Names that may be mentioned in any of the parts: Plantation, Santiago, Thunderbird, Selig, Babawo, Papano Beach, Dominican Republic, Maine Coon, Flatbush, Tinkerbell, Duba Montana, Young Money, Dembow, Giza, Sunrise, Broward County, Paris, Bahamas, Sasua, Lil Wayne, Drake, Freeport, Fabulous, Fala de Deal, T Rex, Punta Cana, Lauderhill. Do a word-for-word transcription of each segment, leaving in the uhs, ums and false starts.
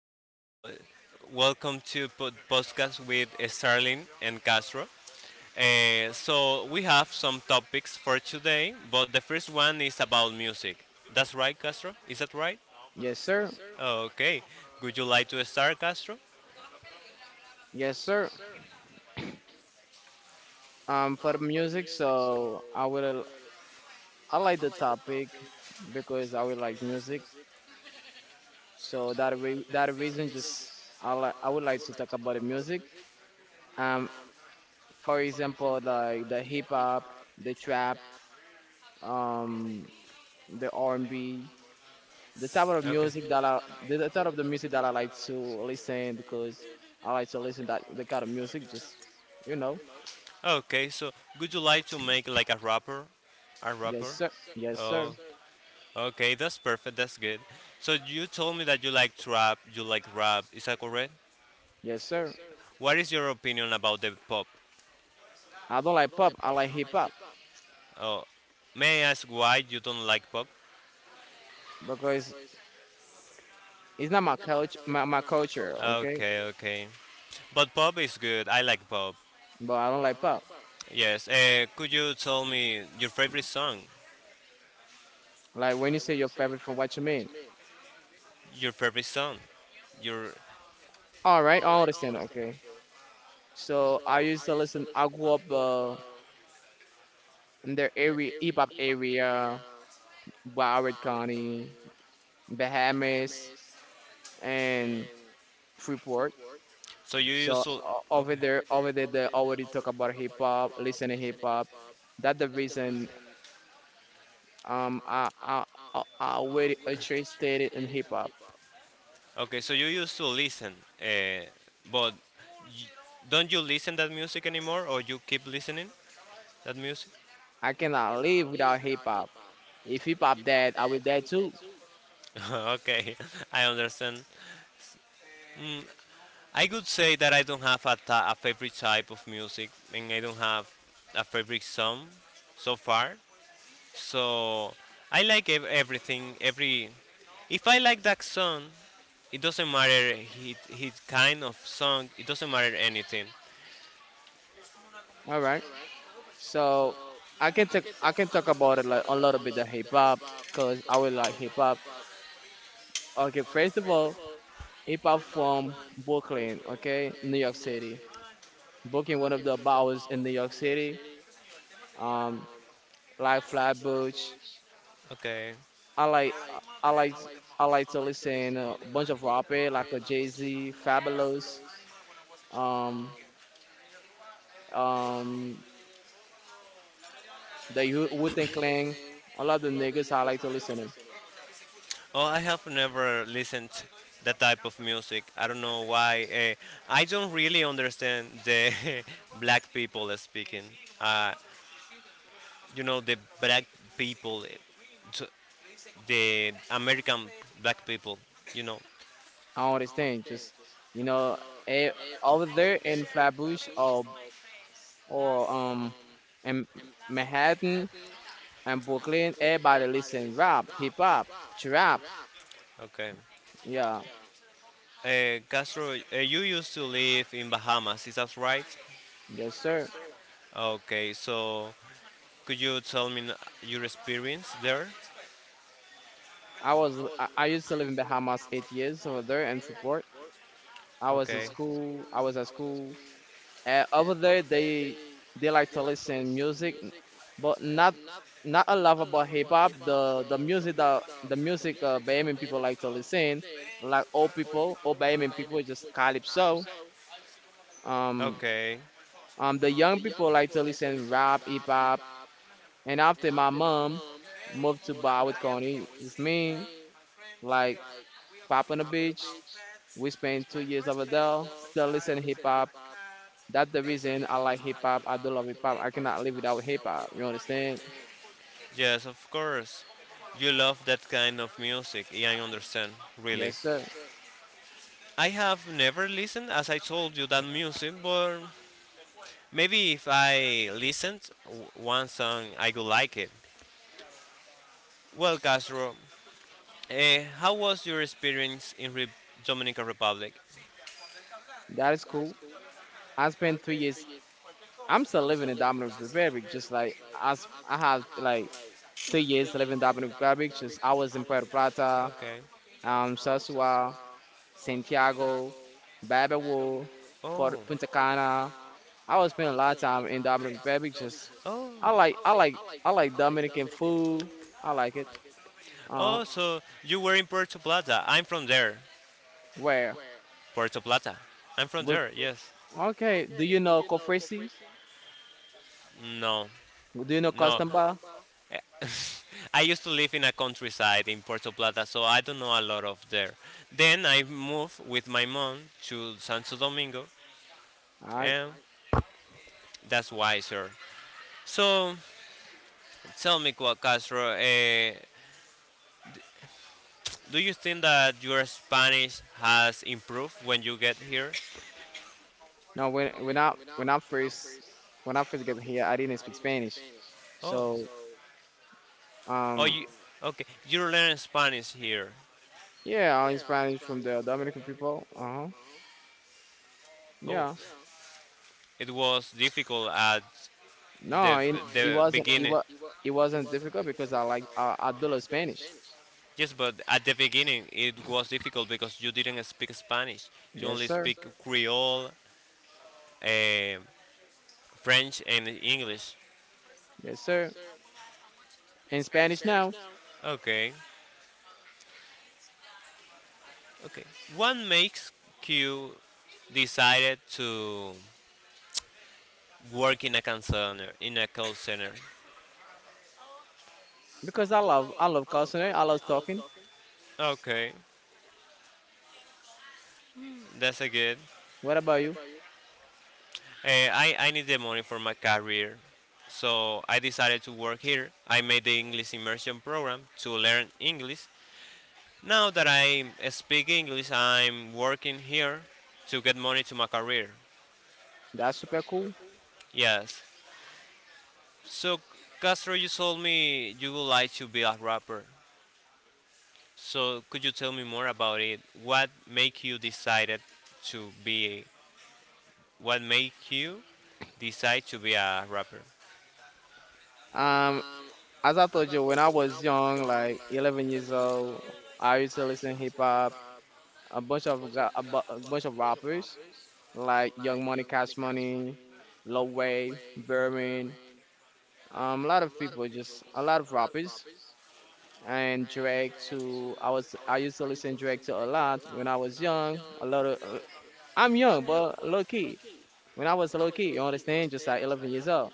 So, welcome to pod- podcast with Starling and Castro. Eh, so, we have some topics for today, but the first one is about music. That's right, Castro? Is that right? Yes, sir. Oh, okay. Would you like to start, Castro? Yes, sir. Um, for the music, so I will I like the topic because I will like music. So that re that reason, just I like I would like to talk about the music. Um, for example, like the hip hop, the trap, um, the R and B, the type of Okay. music that I the, the type of the music that I like to listen because I like to listen that the kind of music. Just you know, Okay, so would you like to make like a rapper? A yes, rapper? sir. Yes, sir. Oh. Okay, that's perfect. That's good. So you told me that you like trap, you like rap. Is that correct? Yes, sir. What is your opinion about the pop? I don't like pop. I like hip hop Oh, may I ask why you don't like pop? because it's not my culture, my, my culture, okay? Okay, okay. But pop is good. I like pop. But I don't like pop. Yes. Uh, could you tell me your favorite song? Like when you say your favorite, from what you mean? Your favorite song? Your All right, I understand. Okay. So I used to listen. I grew up uh, in their area, hip hop area, Broward County, Bahamas, and Freeport. so you used So to o- over okay. there, over there, they already talk about hip hop, listening hip hop. That's the reason um I I I I already interested in hip hop. Okay, so you used to listen, uh, but y- don't you listen that music anymore, or you keep listening? That music? I cannot live without hip hop. If hip hop dead, I will dead too. Okay, I understand. Mm, I could say that I don't have a, ta- a favorite type of music, and I don't have a favorite song so far. So I like ev- everything. Every if I like that song, it doesn't matter his, his kind of song. It doesn't matter anything. All right. So I can talk. I can talk about it like a little bit of hip hop, cause I will like hip hop. Okay. First of all, hip hop from Brooklyn. Okay, New York City. Brooklyn, one of the bowels in New York City. Um, like Flatbush. Okay. I like. I like. I like to listen a bunch of rapper like a Jay Z, Fabulous, um, um, the Wu- Wu-Tang Clan, all of the niggas I like to listen to. Oh, I have never listened that type of music. I don't know why. Uh, I don't really understand the black people speaking. Uh, you know, the black people, eh, t- the American black people. You know. I don't understand. Just you know, eh, Over there in Flatbush or or um in Manhattan and Brooklyn, everybody listen rap, hip hop, trap. Okay. Yeah, Uh, Castro, uh, you used to live in Bahamas. Is that right? yes sir. Okay. So, could you tell me n- your experience there? I was I, I used to live in Bahamas eight years over there in Freeport. I was at Okay. school. I was at school. And over there, they they like to listen music, but not not a lot about hip hop. The the music that the music uh, Bahamian people like to listen, like old people, old Bahamian people is just calypso. Um, Okay. um, the young people like to listen rap, hip hop. And after my mom moved to Broward County with me, like pop on the beach, we spent two years over there, still listen hip hop. That's the reason I like hip hop. I do love hip hop. I cannot live without hip hop. You understand? Yes, of course. You love that kind of music, yeah, I understand, really. Yes, sir. I have never listened, as I told you, that music, but maybe if I listened w- one song, I could like it. Well, Castro, uh, how was your experience in Re- Dominican Republic? That is cool. I spent three years. I'm still living in Dominican Republic. Just like I, s- I have like three years living in Dominican Republic. Just I was in Puerto Plata, Okay. um, Sasua, Santiago, Babawo, Oh. Port- Punta Cana. I was spending a lot of time in Dominican Republic. Just Oh. I like I like I like Dominican food. I like it. Uh, Oh, so you were in Puerto Plata. I'm from there. where? Puerto Plata. I'm from there. Yes. Okay. Do you know Cofresi? No. Do you know No. Costamba? Eh, I used to live in a countryside in Puerto Plata, so I don't know a lot of there. Then I moved with my mom to Santo Domingo, All right. and that's why, sir. So tell me, Qua- Castro, uh, do you think that your Spanish has improved when you get here? No, when when I when I first when I first get here, I didn't speak Spanish. Oh, So oh, um you okay? You learn Spanish here. yeah, I learned Spanish from the Dominican people. Uh-huh. Oh, Yeah. it was difficult at the No, it, it the wasn't it beginning. was it wasn't difficult because I like I, I do love Spanish. Yes, but at the beginning it was difficult because you didn't speak Spanish. You Yes, only sir. speak Creole, eh, French, and English. Yes, sir. In Spanish now Okay, okay. What makes Q decided to work in a call center? In a call center. because I love I love customer. I love talking. Okay, that's a good. What about you? Uh, I, I need the money for my career, so I decided to work here. I made the English immersion program to learn English. Now that I speak English, I'm working here to get money to my career. That's super cool. Yes. So, Castro, you told me you would like to be a rapper. So, could you tell me more about it? What make you decided to be? What make you decide to be a rapper? Um, as I told you, when I was young, like eleven years old, I used to listen hip hop, a bunch of ga- a, bu- a bunch of rappers like Young Money, Cash Money, Lil Wayne, Berman, um, a lot of people, just a lot of rappers, and Drake too. I was I used to listen Drake to a lot when I was young. A lot of I'm young, but low key. When I was low key, you understand, just like eleven years old.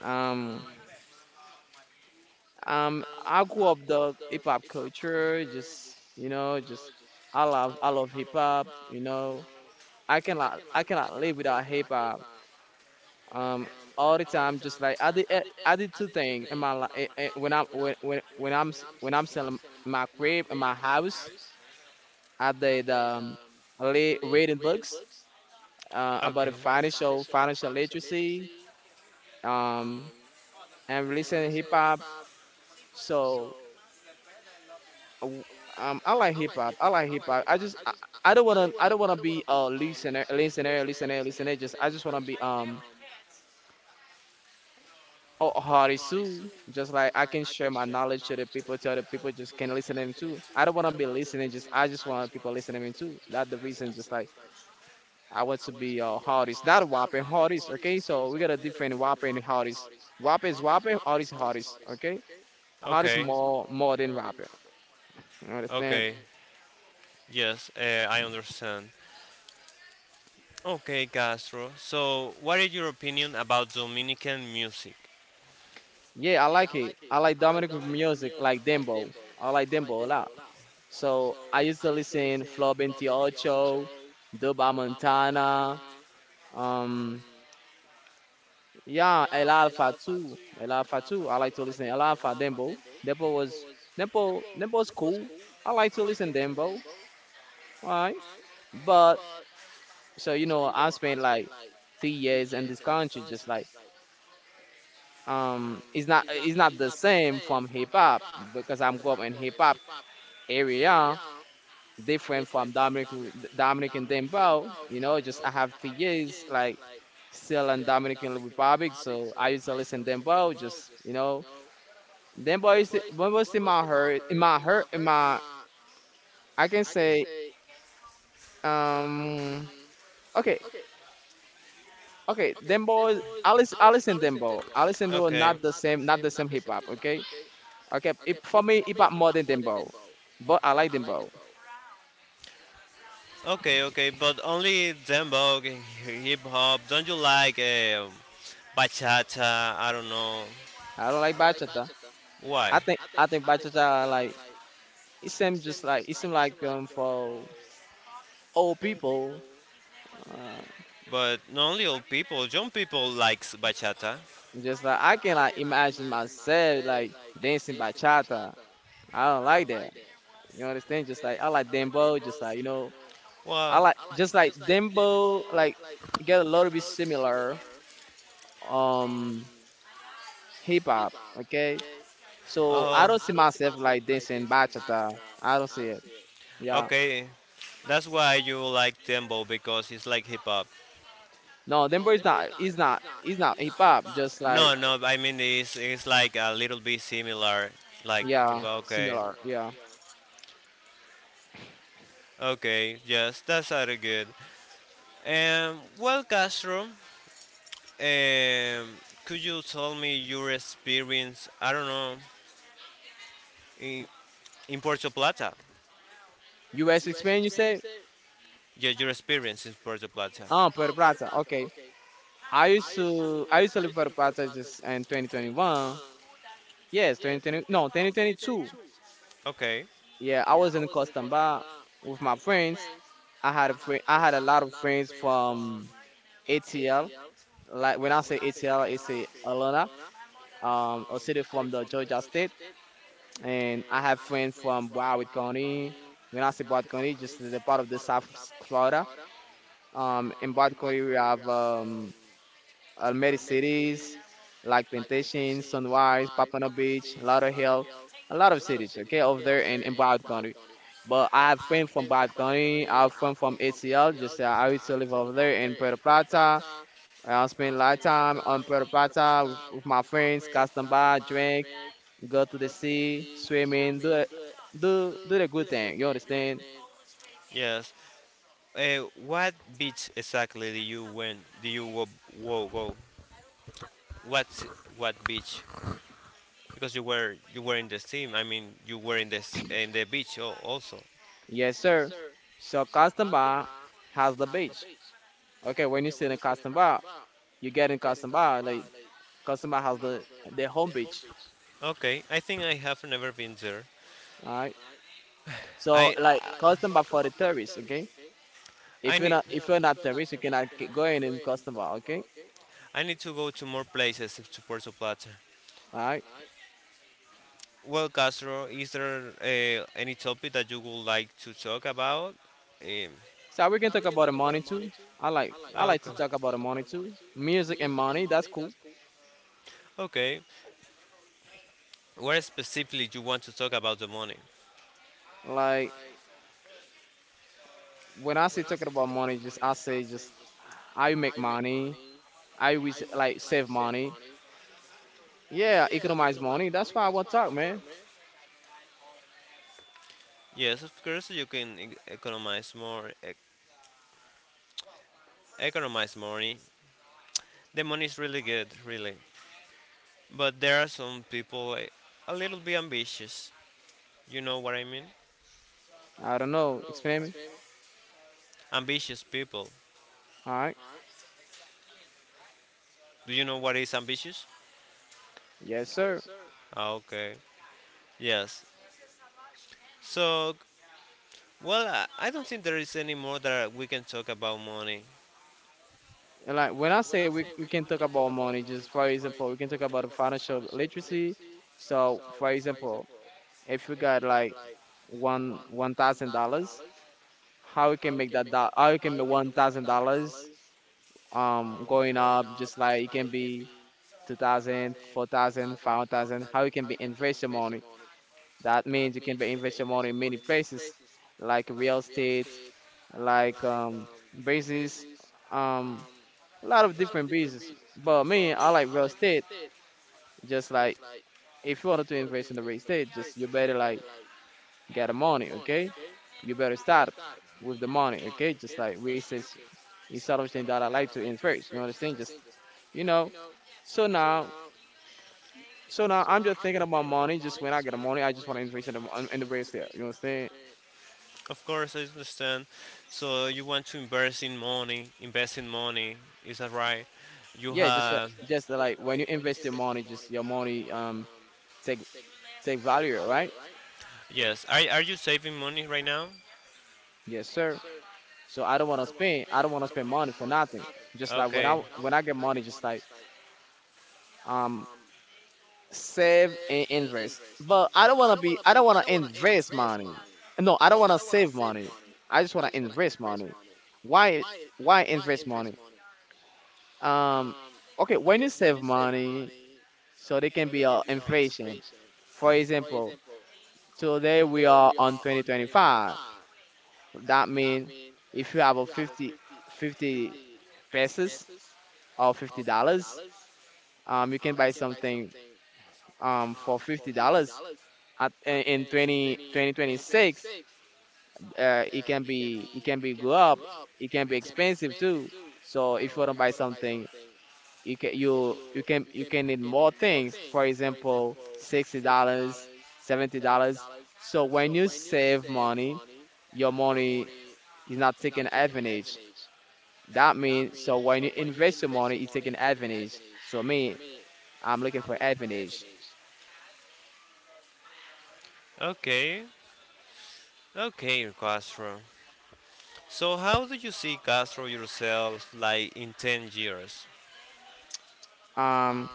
Um, Um, I grew up the hip hop culture, just you know, just I love I love hip hop, you know. I cannot I cannot live without hip hop. Um, all the time, just like I did eh, I did two things in my life when I'm when when when I'm s- when I'm selling my crib in my house. I did um, I lea- reading books uh, about Okay. the financial financial literacy, um, and listening hip hop. So. w- um, I like hip hop. I like hip hop. I just I, I don't wanna I don't wanna be a listener, listener, listener, listener. Just I just wanna be um a a artist too. Just like I can share my knowledge to the people, to other people just can listen to them too. I don't wanna be listening. Just I just want people listening to me too. That's the reason. Just like I want to be a artist, not a whopper, artist. Okay, so we got a different whopper and artist. Whopper is whopper, artist is artist. Okay, artist Okay. more more than rapper. You understand? Okay, yes, uh, I understand. Okay, Castro. So, what is your opinion about Dominican music? Yeah, I like it. I like Dominican music, like Dembo. I like Dembo a lot. So I used to listen Flow twenty-eight, Duba Montana, um, yeah, El Alfa too. El Alfa too. I like to listen El Alfa, Dembo. Dembo was Dembo. Dembo's cool. I like to listen Dembo. Alright, but so you know, I spent like three years in this country, just like um, it's not it's not the same from hip hop because I'm grew up in hip hop area different from Dominic Dominican Dembo. You know, just I have three years like still in Dominican Republic, so I used to listen Dembo. Just you know, Dembo is Dembo is in my heart, in my heart, in my I can say um okay okay Dembo is I listen I listen Dembo. I listen Dembo, Okay. not the same not the same hip hop. Okay, okay, it, for me hip hop more than Dembo, but I like Dembo. Okay, okay, but only dembow, and hip hop. Don't you like um bachata? I don't know I don't like bachata. why. I think I think bachata like it seemed just like it seemed like um for old people, uh, But not only old people, young people likes bachata. just like I can like imagine myself like dancing bachata. I don't like that. You understand? Just like I like dembo, just like you know, I Well, like just like dembo like get a little bit similar um hip hop. Okay, so I uh, don't see myself like dancing bachata. I don't see it. it. Yeah, Okay, that's why you like Dembo because it's like hip hop. no, dembo is not. Is not. Is not hip hop. Just No, like like no, I mean it's it's like a little bit similar, like hip yeah, hop. Okay, similar. Yeah. yeah. Okay, yes, that's very good. Um, well, Castro, um, could you tell me your experience? I don't know in in Puerto Plata. U S Spain, you say? Yeah, your experience in Puerto Plata. Oh, Puerto Plata. Okay. I used to I used to live Puerto Plata just in twenty twenty-one. Yes, two thousand twenty. No, twenty twenty-two. Okay, Yeah, I was in Costamba with my friends. I had a friend. I had a lot of friends from A T L. Like when I say A T L, it's a Atlanta, um, a city from the Georgia state. And I have friends from Broward County. When I say Broward County, just the part of the South Florida. Um, in Broward County, we have um, uh, many cities like Plantation, Sunrise, Papano Beach, Lauderhill, a lot of cities, okay, over there in, in Broward County. But I have friends from Broward County, I have friends from A T L, just uh, I used to live over there in Puerto Plata. I spend a lot of time on Puerto Plata with, with my friends, custom by, drink, go to the sea, swimming, do it- do do the good thing. You understand? yes. Uh, what beach exactly do you went? Do you wo wo go? What what beach? Because you were you were in the steam. I mean, you were in this in the beach al- also. Yes, sir. So custom bar has the beach. Okay, when you sit in custom bar, you get in custom bar. Like customer has the the homepage. Okay, I think I have never been there. Alright. So I like I, customer for the tourists, okay? If I you're need. Not if you're not tourist, you cannot get- go in and customer, okay? I need to go to more places to Puerto Plata. Alright. Well, Castro, is there uh, any topic that you would like to talk about? Um, So we can talk about the money too. I like I like to okay. talk about the money too. Music and money, that's cool. Okay, where specifically you want to talk about the money? Like when I say talking about money, just I say just I make money. I always like save money. Yeah, economize money. That's why I want to talk, man. Yes, of course you can e- economize more. E- economize money. The money is really good, really. But there are some people eh, a little bit ambitious. You know what I mean? I don't know. Explain me. Ambitious people. All right. Do you know what is ambitious? Yes, sir. Ah, okay. Yes. So, well, I I don't think there is any more that we can talk about money. And like when I say we, we can talk about money, just for example, we can talk about financial literacy. So for example, if you got like one one thousand dollars, how you can make that do- how you can make one thousand dollars um going up just like it can be two thousand, four thousand, five thousand, how you can be invest your money. That means you can be invest your money in many places like real estate, like um basis, um a lot of different business. But me, I like real estate. Just like if you wanted to invest in the real estate, just you better like get the money, okay? You better start with the money, okay? Just like we says it's something that I like to invest. You know what I'm saying? Just you know. So now, so now I'm just thinking about money. Just when I get the money, I just want to invest in the in the real estate. You know what I'm saying? Of course, I understand. So you want to invest in money, invest in money, is that right? You Yeah, just yeah, that- have, just just uh, like when you invest your money, just your money um take take value, right? yes. Are, are you saving money right now? So Yes, sir. So I don't I want to spend. I don't want to spend money for nothing. just I Just like when okay. I when I get money, just like um save and invest. But I don't want to be. I don't want to invest money. No, I don't want to save money. I just want to invest money. Why? Why invest money? Um. Okay, when you save money, so there can be a inflation. For example, today we are on twenty twenty-five. That means if you have a fifty fifty pesos or fifty dollars. Um, you can buy something um, for fifty dollars at in in twenty, twenty twenty-six. Uh, it can be it can be go up. It can be expensive too. So if you want to buy something, you can you you can you can need more things. For example, sixty dollars, seventy dollars. So when you save money, your money is not taken advantage. That means so when you invest your money, it's taking advantage. So me, I'm looking for advantage. Like okay, okay, Castro. So, how do you see Castro yourself like in ten years? Um,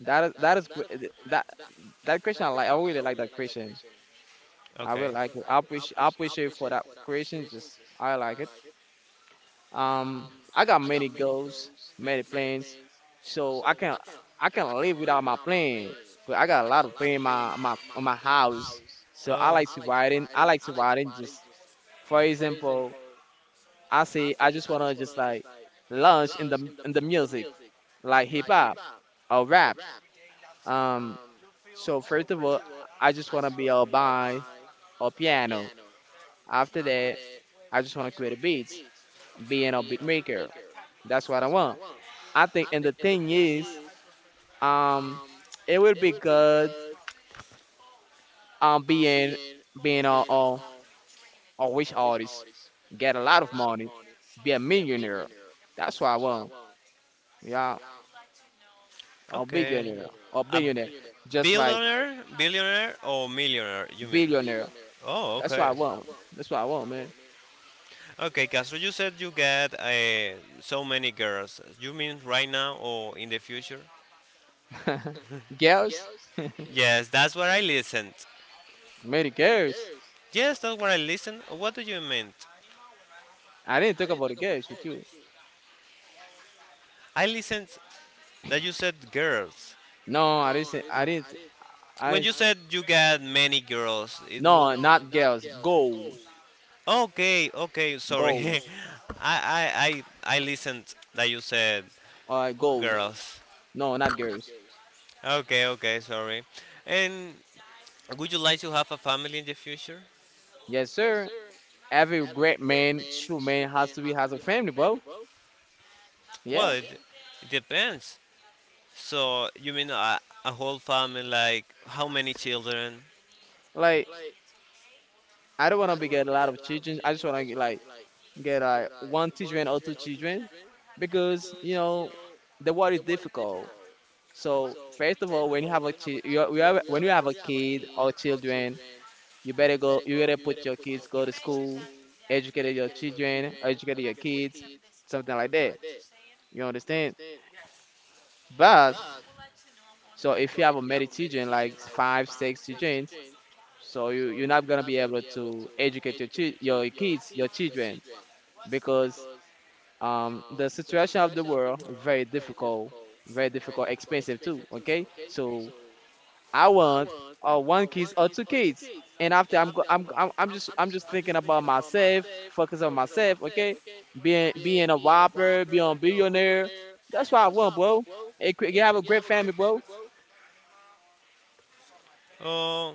That is that is gre- that That question I like. I really like that question. I Okay. really like it. I appreciate I appreciate for that I- question. creation Just I like it. Um, I got many goals, many plans, so I can I can live without my plan. But I got a lot of plan in my my on my house. So I Oh, like to write in. I like to write in. Just for example, I say I just wanna just like launch in the in the music, like hip hop or rap. Um, So first of all, I just wanna be a buy or piano. After that, I just wanna create beats, being a beat maker. That's what I want. I think, and the thing is, um, it will be good, um, being being a a, a wish artist, get a lot of money, be a millionaire. That's what I want. Yeah, a okay. billionaire, a A billionaire, just like billionaire, billionaire or millionaire? You mean? billionaire. Oh, That's what okay. I want. That's what I want, man. Okay, Castro, you said you get uh, so many girls. You mean right now or in the future? Girls, Yes, that's what I listened. many girls. Yes, that's what I listened. What do you mean? I didn't talk about the girls with you. I listened that you said girls. No, I didn't. Say, I didn't. I When you s- said you get many girls, it no, was. not girls. Goals, Okay, okay, sorry. goals, I, I, I, I listened that you said uh, goals. girls. No, not girls. Okay, okay, sorry. And would you like to have a family in the future? Yes, sir. Every great man, true man, has to be has a family, bro. Well, Yeah. it, it depends. So, you mean a, a whole family, like how many children? Like I don't wanna be get a lot of children. I just wanna get, like, get like one children or two children, because you know the world is difficult. So first of all, when you have a chi- you, you have, when you have a kid or children, you better go. You better put your kids go to school, educate your children, educate your kids, something like that. You understand? But so if you have a many children, like five, six children, so you you're not gonna be able to educate your chi- your kids, your children, because um the situation of the world is very difficult, very difficult, expensive too. Okay, so I want uh, one kids or two kids. And after I'm, go- I'm I'm I'm just I'm just thinking about myself, focus on myself, okay? Being being a whopper, being a billionaire. That's what I want, bro. Hey, cre- you have a great family, bro. Oh,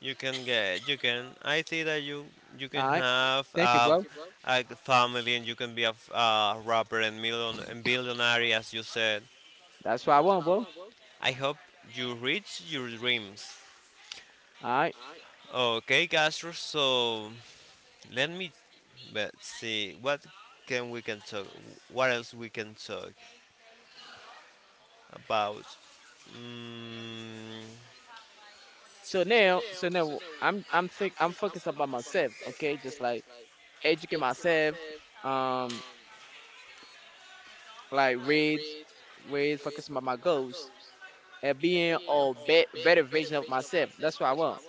you can get, you can. I think that you you can All right. have Thank you, a, bro. a family and you can be a, f- a rapper and, million, and billionaire, as you said. That's what I want, bro. All I hope you reach your dreams. right. Okay, Castro, so let me but see what can we can talk. What else we can talk about? Mm, So now, so now I'm I'm think I'm focused about myself, okay? Just like educate myself, um, like read, read, focus on my goals and being a be- better version of myself. That's what I want.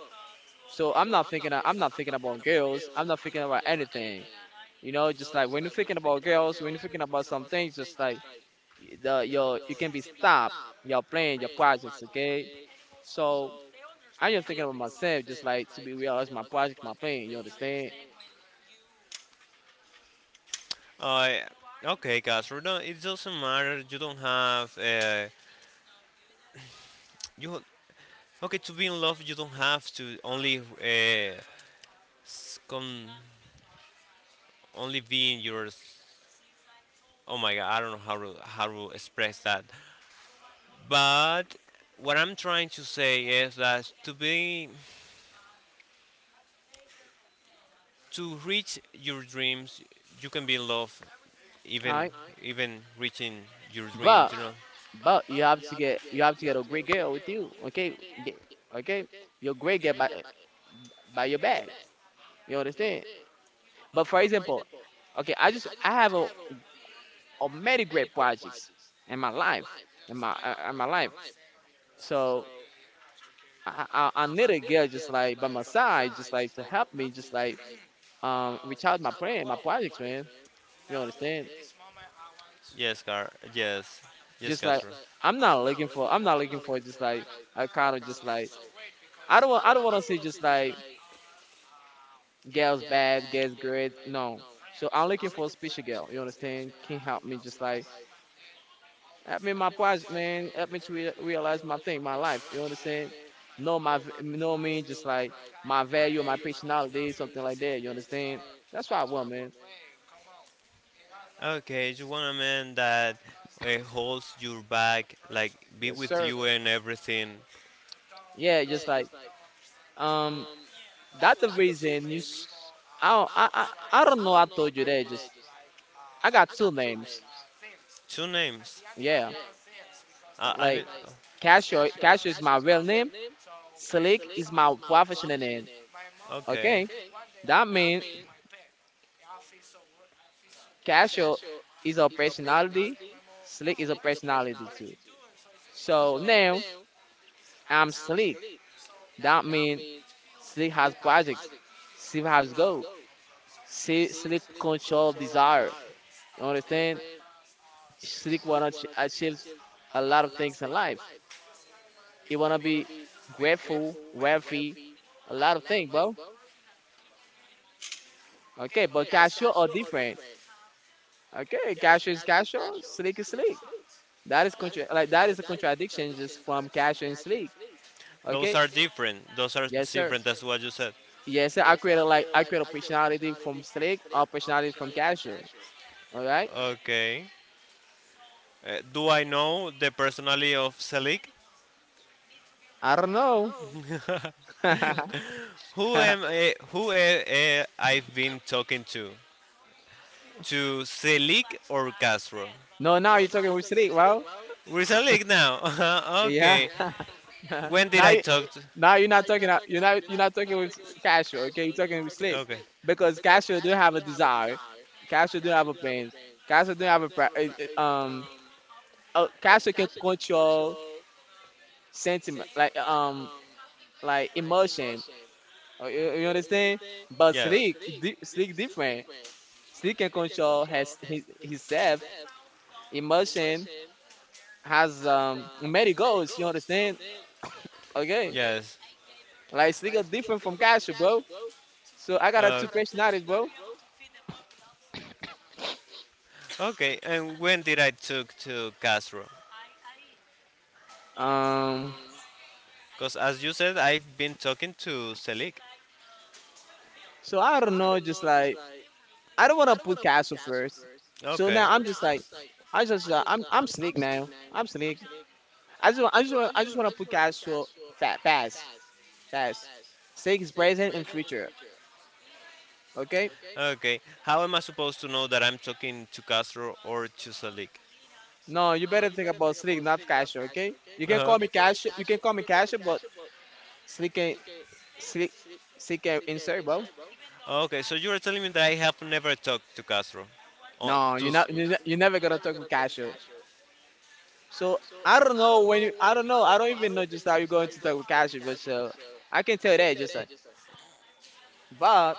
So I'm not thinking i I'm not thinking about girls. I'm not thinking about anything. You know, just like when you're thinking about girls, when you're thinking about some things, just like the your you can be stopped. Your plan, your projects, okay? So I'm just thinking about myself, just like to be real, that's my projects, my plan. You understand? I okay, guys. We don't- It doesn't matter. You don't have uh, you. Okay, to be in love, you don't have to only uh, s- con, only be in your. Oh my god, I don't know how to how to express that. But what I'm trying to say is that to be to reach your dreams, you can be in love All even right, even reaching your dreams, but you know. but you have to get you have to get a great girl with you, okay? Get, okay, your great girl by by your bag. You understand? But for example, okay, I just I have a of many great projects in my life, in my uh, in my life. So I, I, I need a girl just like by my side, just like to help me, just like um reach out my plan, my projects, man. You understand? Yes, Car. Yes, yes, Just like Castro. I'm not looking for, I'm not looking for just like a kind of just like I don't want, I don't want to see just like girls bad, girls great. No. So I'm looking for a special girl. You understand? Can help me just like help me my project, man. Help me to rea- realize my thing, my life. You understand? Know my, v- know what I mean? Just like my value, my personality, something like that. You understand? That's what I want, man. Okay, you want a man that uh, holds your back, like be Yes, with sir. you and everything. Yeah, just like um, that the reason you. s- I don't- I I, I don't know. I told you that. Just I got two names. Two names. Yeah, Uh, I like mean, Casio. Casio is my real name. Slick is my professional name. okay. Okay, that means Casio is a personality. Slick is a personality too. So now I'm Slick. That means Slick has projects. Slick has goals. Slick, Slick control desire. You understand? Slick wanna ch- achieve a lot of things in life. He wanna be grateful, wealthy, a lot of things, bro. Okay, but Casio are different. Okay, Casio is Casio, Slick is Slick. That is contra- like that is a contradiction just from Casio and Slick. Those Okay, are different. Those are yes sir. different. That's what you said. Yes, sir, I create like I create a personality from Slick or personality from Casual. All right. Okay. Uh, do I know the personality of Selig? I don't know. Who am I, who am I, I have been talking to? To Selig or Castro? No, now you're talking with Slick, well. We're Selig now. Uh-huh, Yeah. okay. When did now I you talk to? Now you're not talking you're not you're not talking with Casual. Okay, you're talking with Slick Okay. because Casual do have a desire. Casual do have a plans. Casual do have a pri- eh, eh, um. Uh, Casual can control sentiment like um like emotion. Uh, You, you understand? But Yes. Slick di- Slick different. She can control has his, himself, emotion, has um many goals. You understand? Okay, Yes. like she got different from Kasha, bro. So I got a Uh, two personality, bro. okay. And when did I talk to Castro? Um, Because as you said, I've been talking to Selig. so I don't know, just like I don't wanna put Kasha first. So Okay. now I'm just like, I just uh, I'm I'm slick now. I'm slick. I just wa- I just wa- I just wanna put Kasha fat fast fast. Slick is present and future. Okay. Okay. How am I supposed to know that I'm talking to Castro or to Selig? No, you better think about Slick, not Casio, okay? You can Uh-huh. call me Casio. You can call me Casio, but Slick ain't Slick. Slick ain't insert, bro. Okay, so you are telling me that I have never talked to Castro. Oh, No, to you're s- not. You're, not, you're never gonna talk with Casio. So I don't know when you. I don't know. I don't even know just how you're going to talk with Casio, but so I can tell that just like. But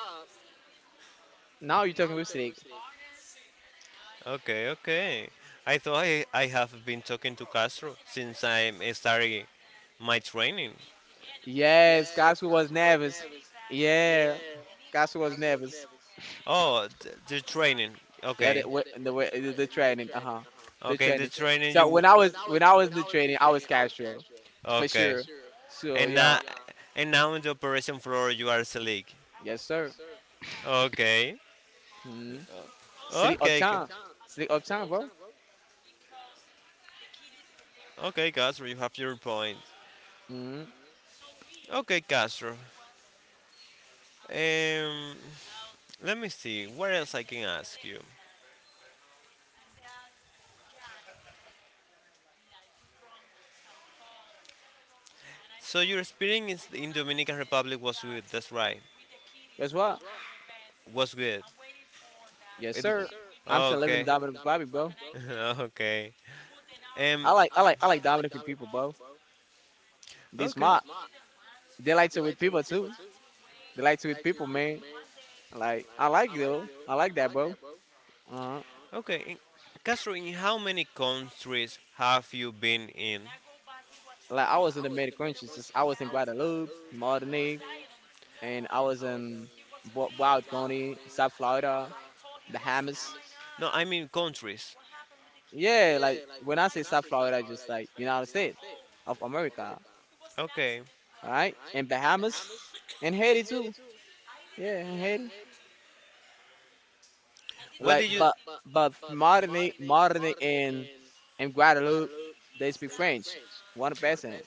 now you're talking with Slick. okay, okay. I thought I, I have been talking to Castro since I started my training. Yes, Casio was nervous. Yeah, Casio was nervous. Oh, th- the training. Yeah, they, Okay, wh- and the way the the training, uh huh, uh-huh. the Okay. In the training. training So you when I was when I was in the training, I was Castro, sure. for Okay, sure. So and yeah, now and now in the operation floor you are Selig. yes sir. Okay, Mm-hmm. City okay, Ca- uptown, city uptown, bro. okay, Castro, you have your point. Mm-hmm. Okay, Castro. Um, let me see. What else I can ask you? So your experience in Dominican Republic was good. That's right. That's what. Was good. Yes It. W- sir. I'm still living in Okay. Dominican Republic, bro. Okay. Um. I like I like I like Dominican people, bro. They Okay. smart. They like to with people too. They like to with people, man. Like I like it, though. I like that, bro. Uh huh. Okay. In- Castro, in how many countries have you been in? Like I was in the Mediterranean. Just I was in Guadeloupe, Martinique, and I was in Wa- Wild County, South Florida, Bahamas. No, I mean countries. Yeah, like when I say South Florida, just like United States of America, Okay. all right? And Bahamas and Haiti too. Yeah, and Haiti. What Like, did you? but but Martinique, Martinique and and Guadeloupe, they speak French, one percent.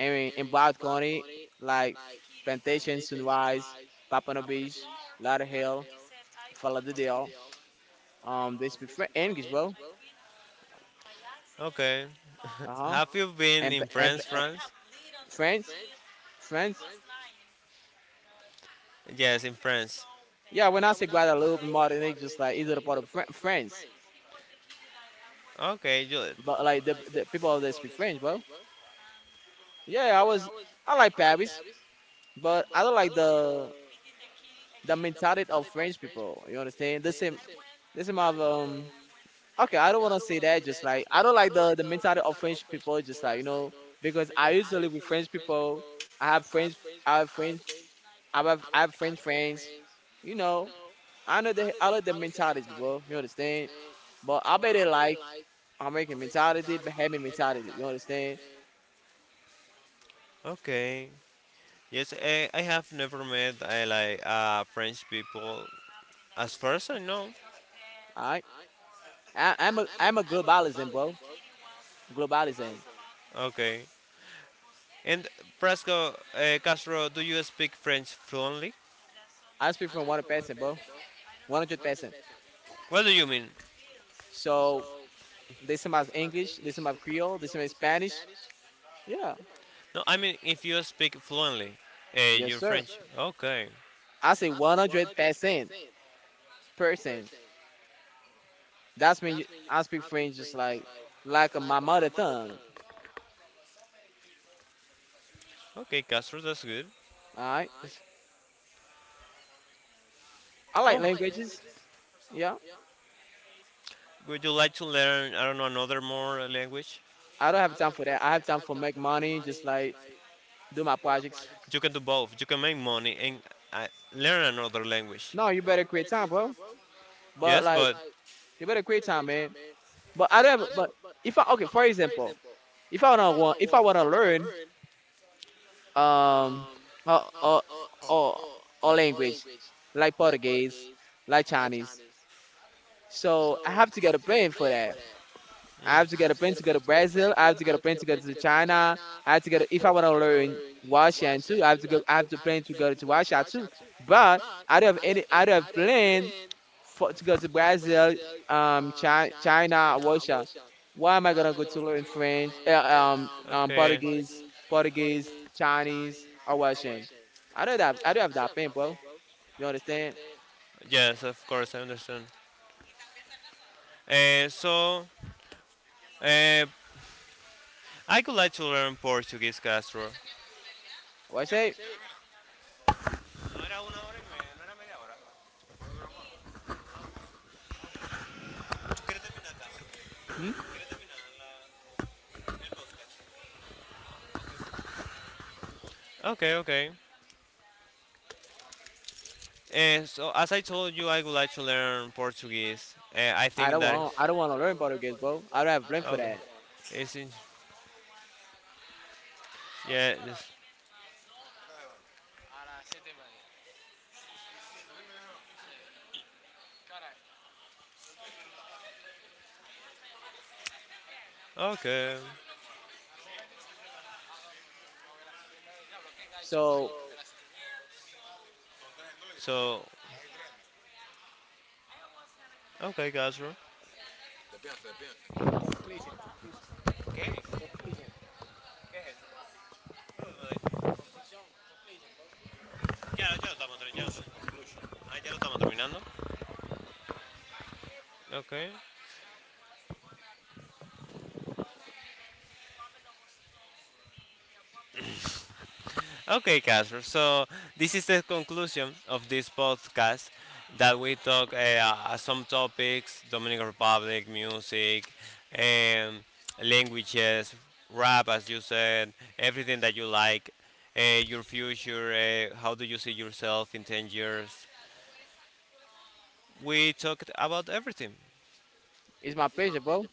I mean, in Broward County, like Plantation, Sunrise, Papano Beach, Lauderhill, Fala de Deal, um, they speak French, English, bro. Okay. Uh huh. Have you been and, in and, France, And France? France, France. Yes, in France. Yeah, when I say Guadeloupe and Martinique, just like either the part of Fran France, Okay, you, but like the, the people out there speak French, bro. Yeah, I was I like Paris, but I don't like the the mentality of French people. You understand? The same, the same of um. Okay, I don't want to say that. Just like I don't like the the mentality of French people. Just like, you know, because I used to live with French people. I have friends. I have friends. I have I have French friends. You know, I know they I like the mentality, bro. You understand? But I bet they like American mentality, Bahamian mentality. You understand? okay. Yes, I, I have never met I like uh, French people as person. No. Alright? I I'm a I'm a globalism, bro. Globalism. Okay. And Frasco uh, Castro, do you speak French fluently? I speak from one percent, bro. One hundred percent. What do you mean? So they some have English, they some have Creole, they some have Spanish. Yeah. No, I mean if you speak fluently, uh, Yes, you're sir. French. Okay. I say one hundred percent person. That's when you, I speak French just like like my mother tongue. Okay, Castro, that's good. Alright? I like Oh, languages. Yeah. would you like to learn I don't know another more language? I don't have time for that. I have time for make money, just like do my projects. You can do both. You can make money and uh, learn another language. No, you better create time, bro. But Yes, like, but you better create time, man. But I don't. But if I okay, for example, if I wanna want, if I wanna learn um a a a, a language like Portuguese, like Chinese, so I have to get a plan for that. I have to get a plane to go to Brazil. I have to get a plane to go to China. I have to get a, if I want to learn Russian too. I have to go. I have to plan to go to Russia too. But I don't have any. I don't have plan for to go to Brazil, um, China, China, Russia. Why am I gonna go to learn French, uh, um, um, okay. Portuguese, Portuguese, Chinese, or Russian? I don't have. I don't have that plan, bro. You understand? Yes, of course, I understand. Uh, so, uh, I would like to learn Portuguese, Castro. What I say? Hmm? Okay, okay. Uh, so, as I told you, I would like to learn Portuguese. Uh, I I think don't that no, want. I don't want to learn Portuguese, bro. I don't have plan for okay. that. That. It's in. Yeah, it's, okay. So So, okay, Casper. Ya, ya lo estamos terminando. Ah, ya lo estamos terminando. Okay. Okay, Casper. So this is the conclusion of this podcast that we talk uh, uh, some topics: Dominican Republic, music, um, languages, rap, as you said, everything that you like, uh, your future, uh, how do you see yourself in ten years? We talked about everything. it's my pleasure, bro.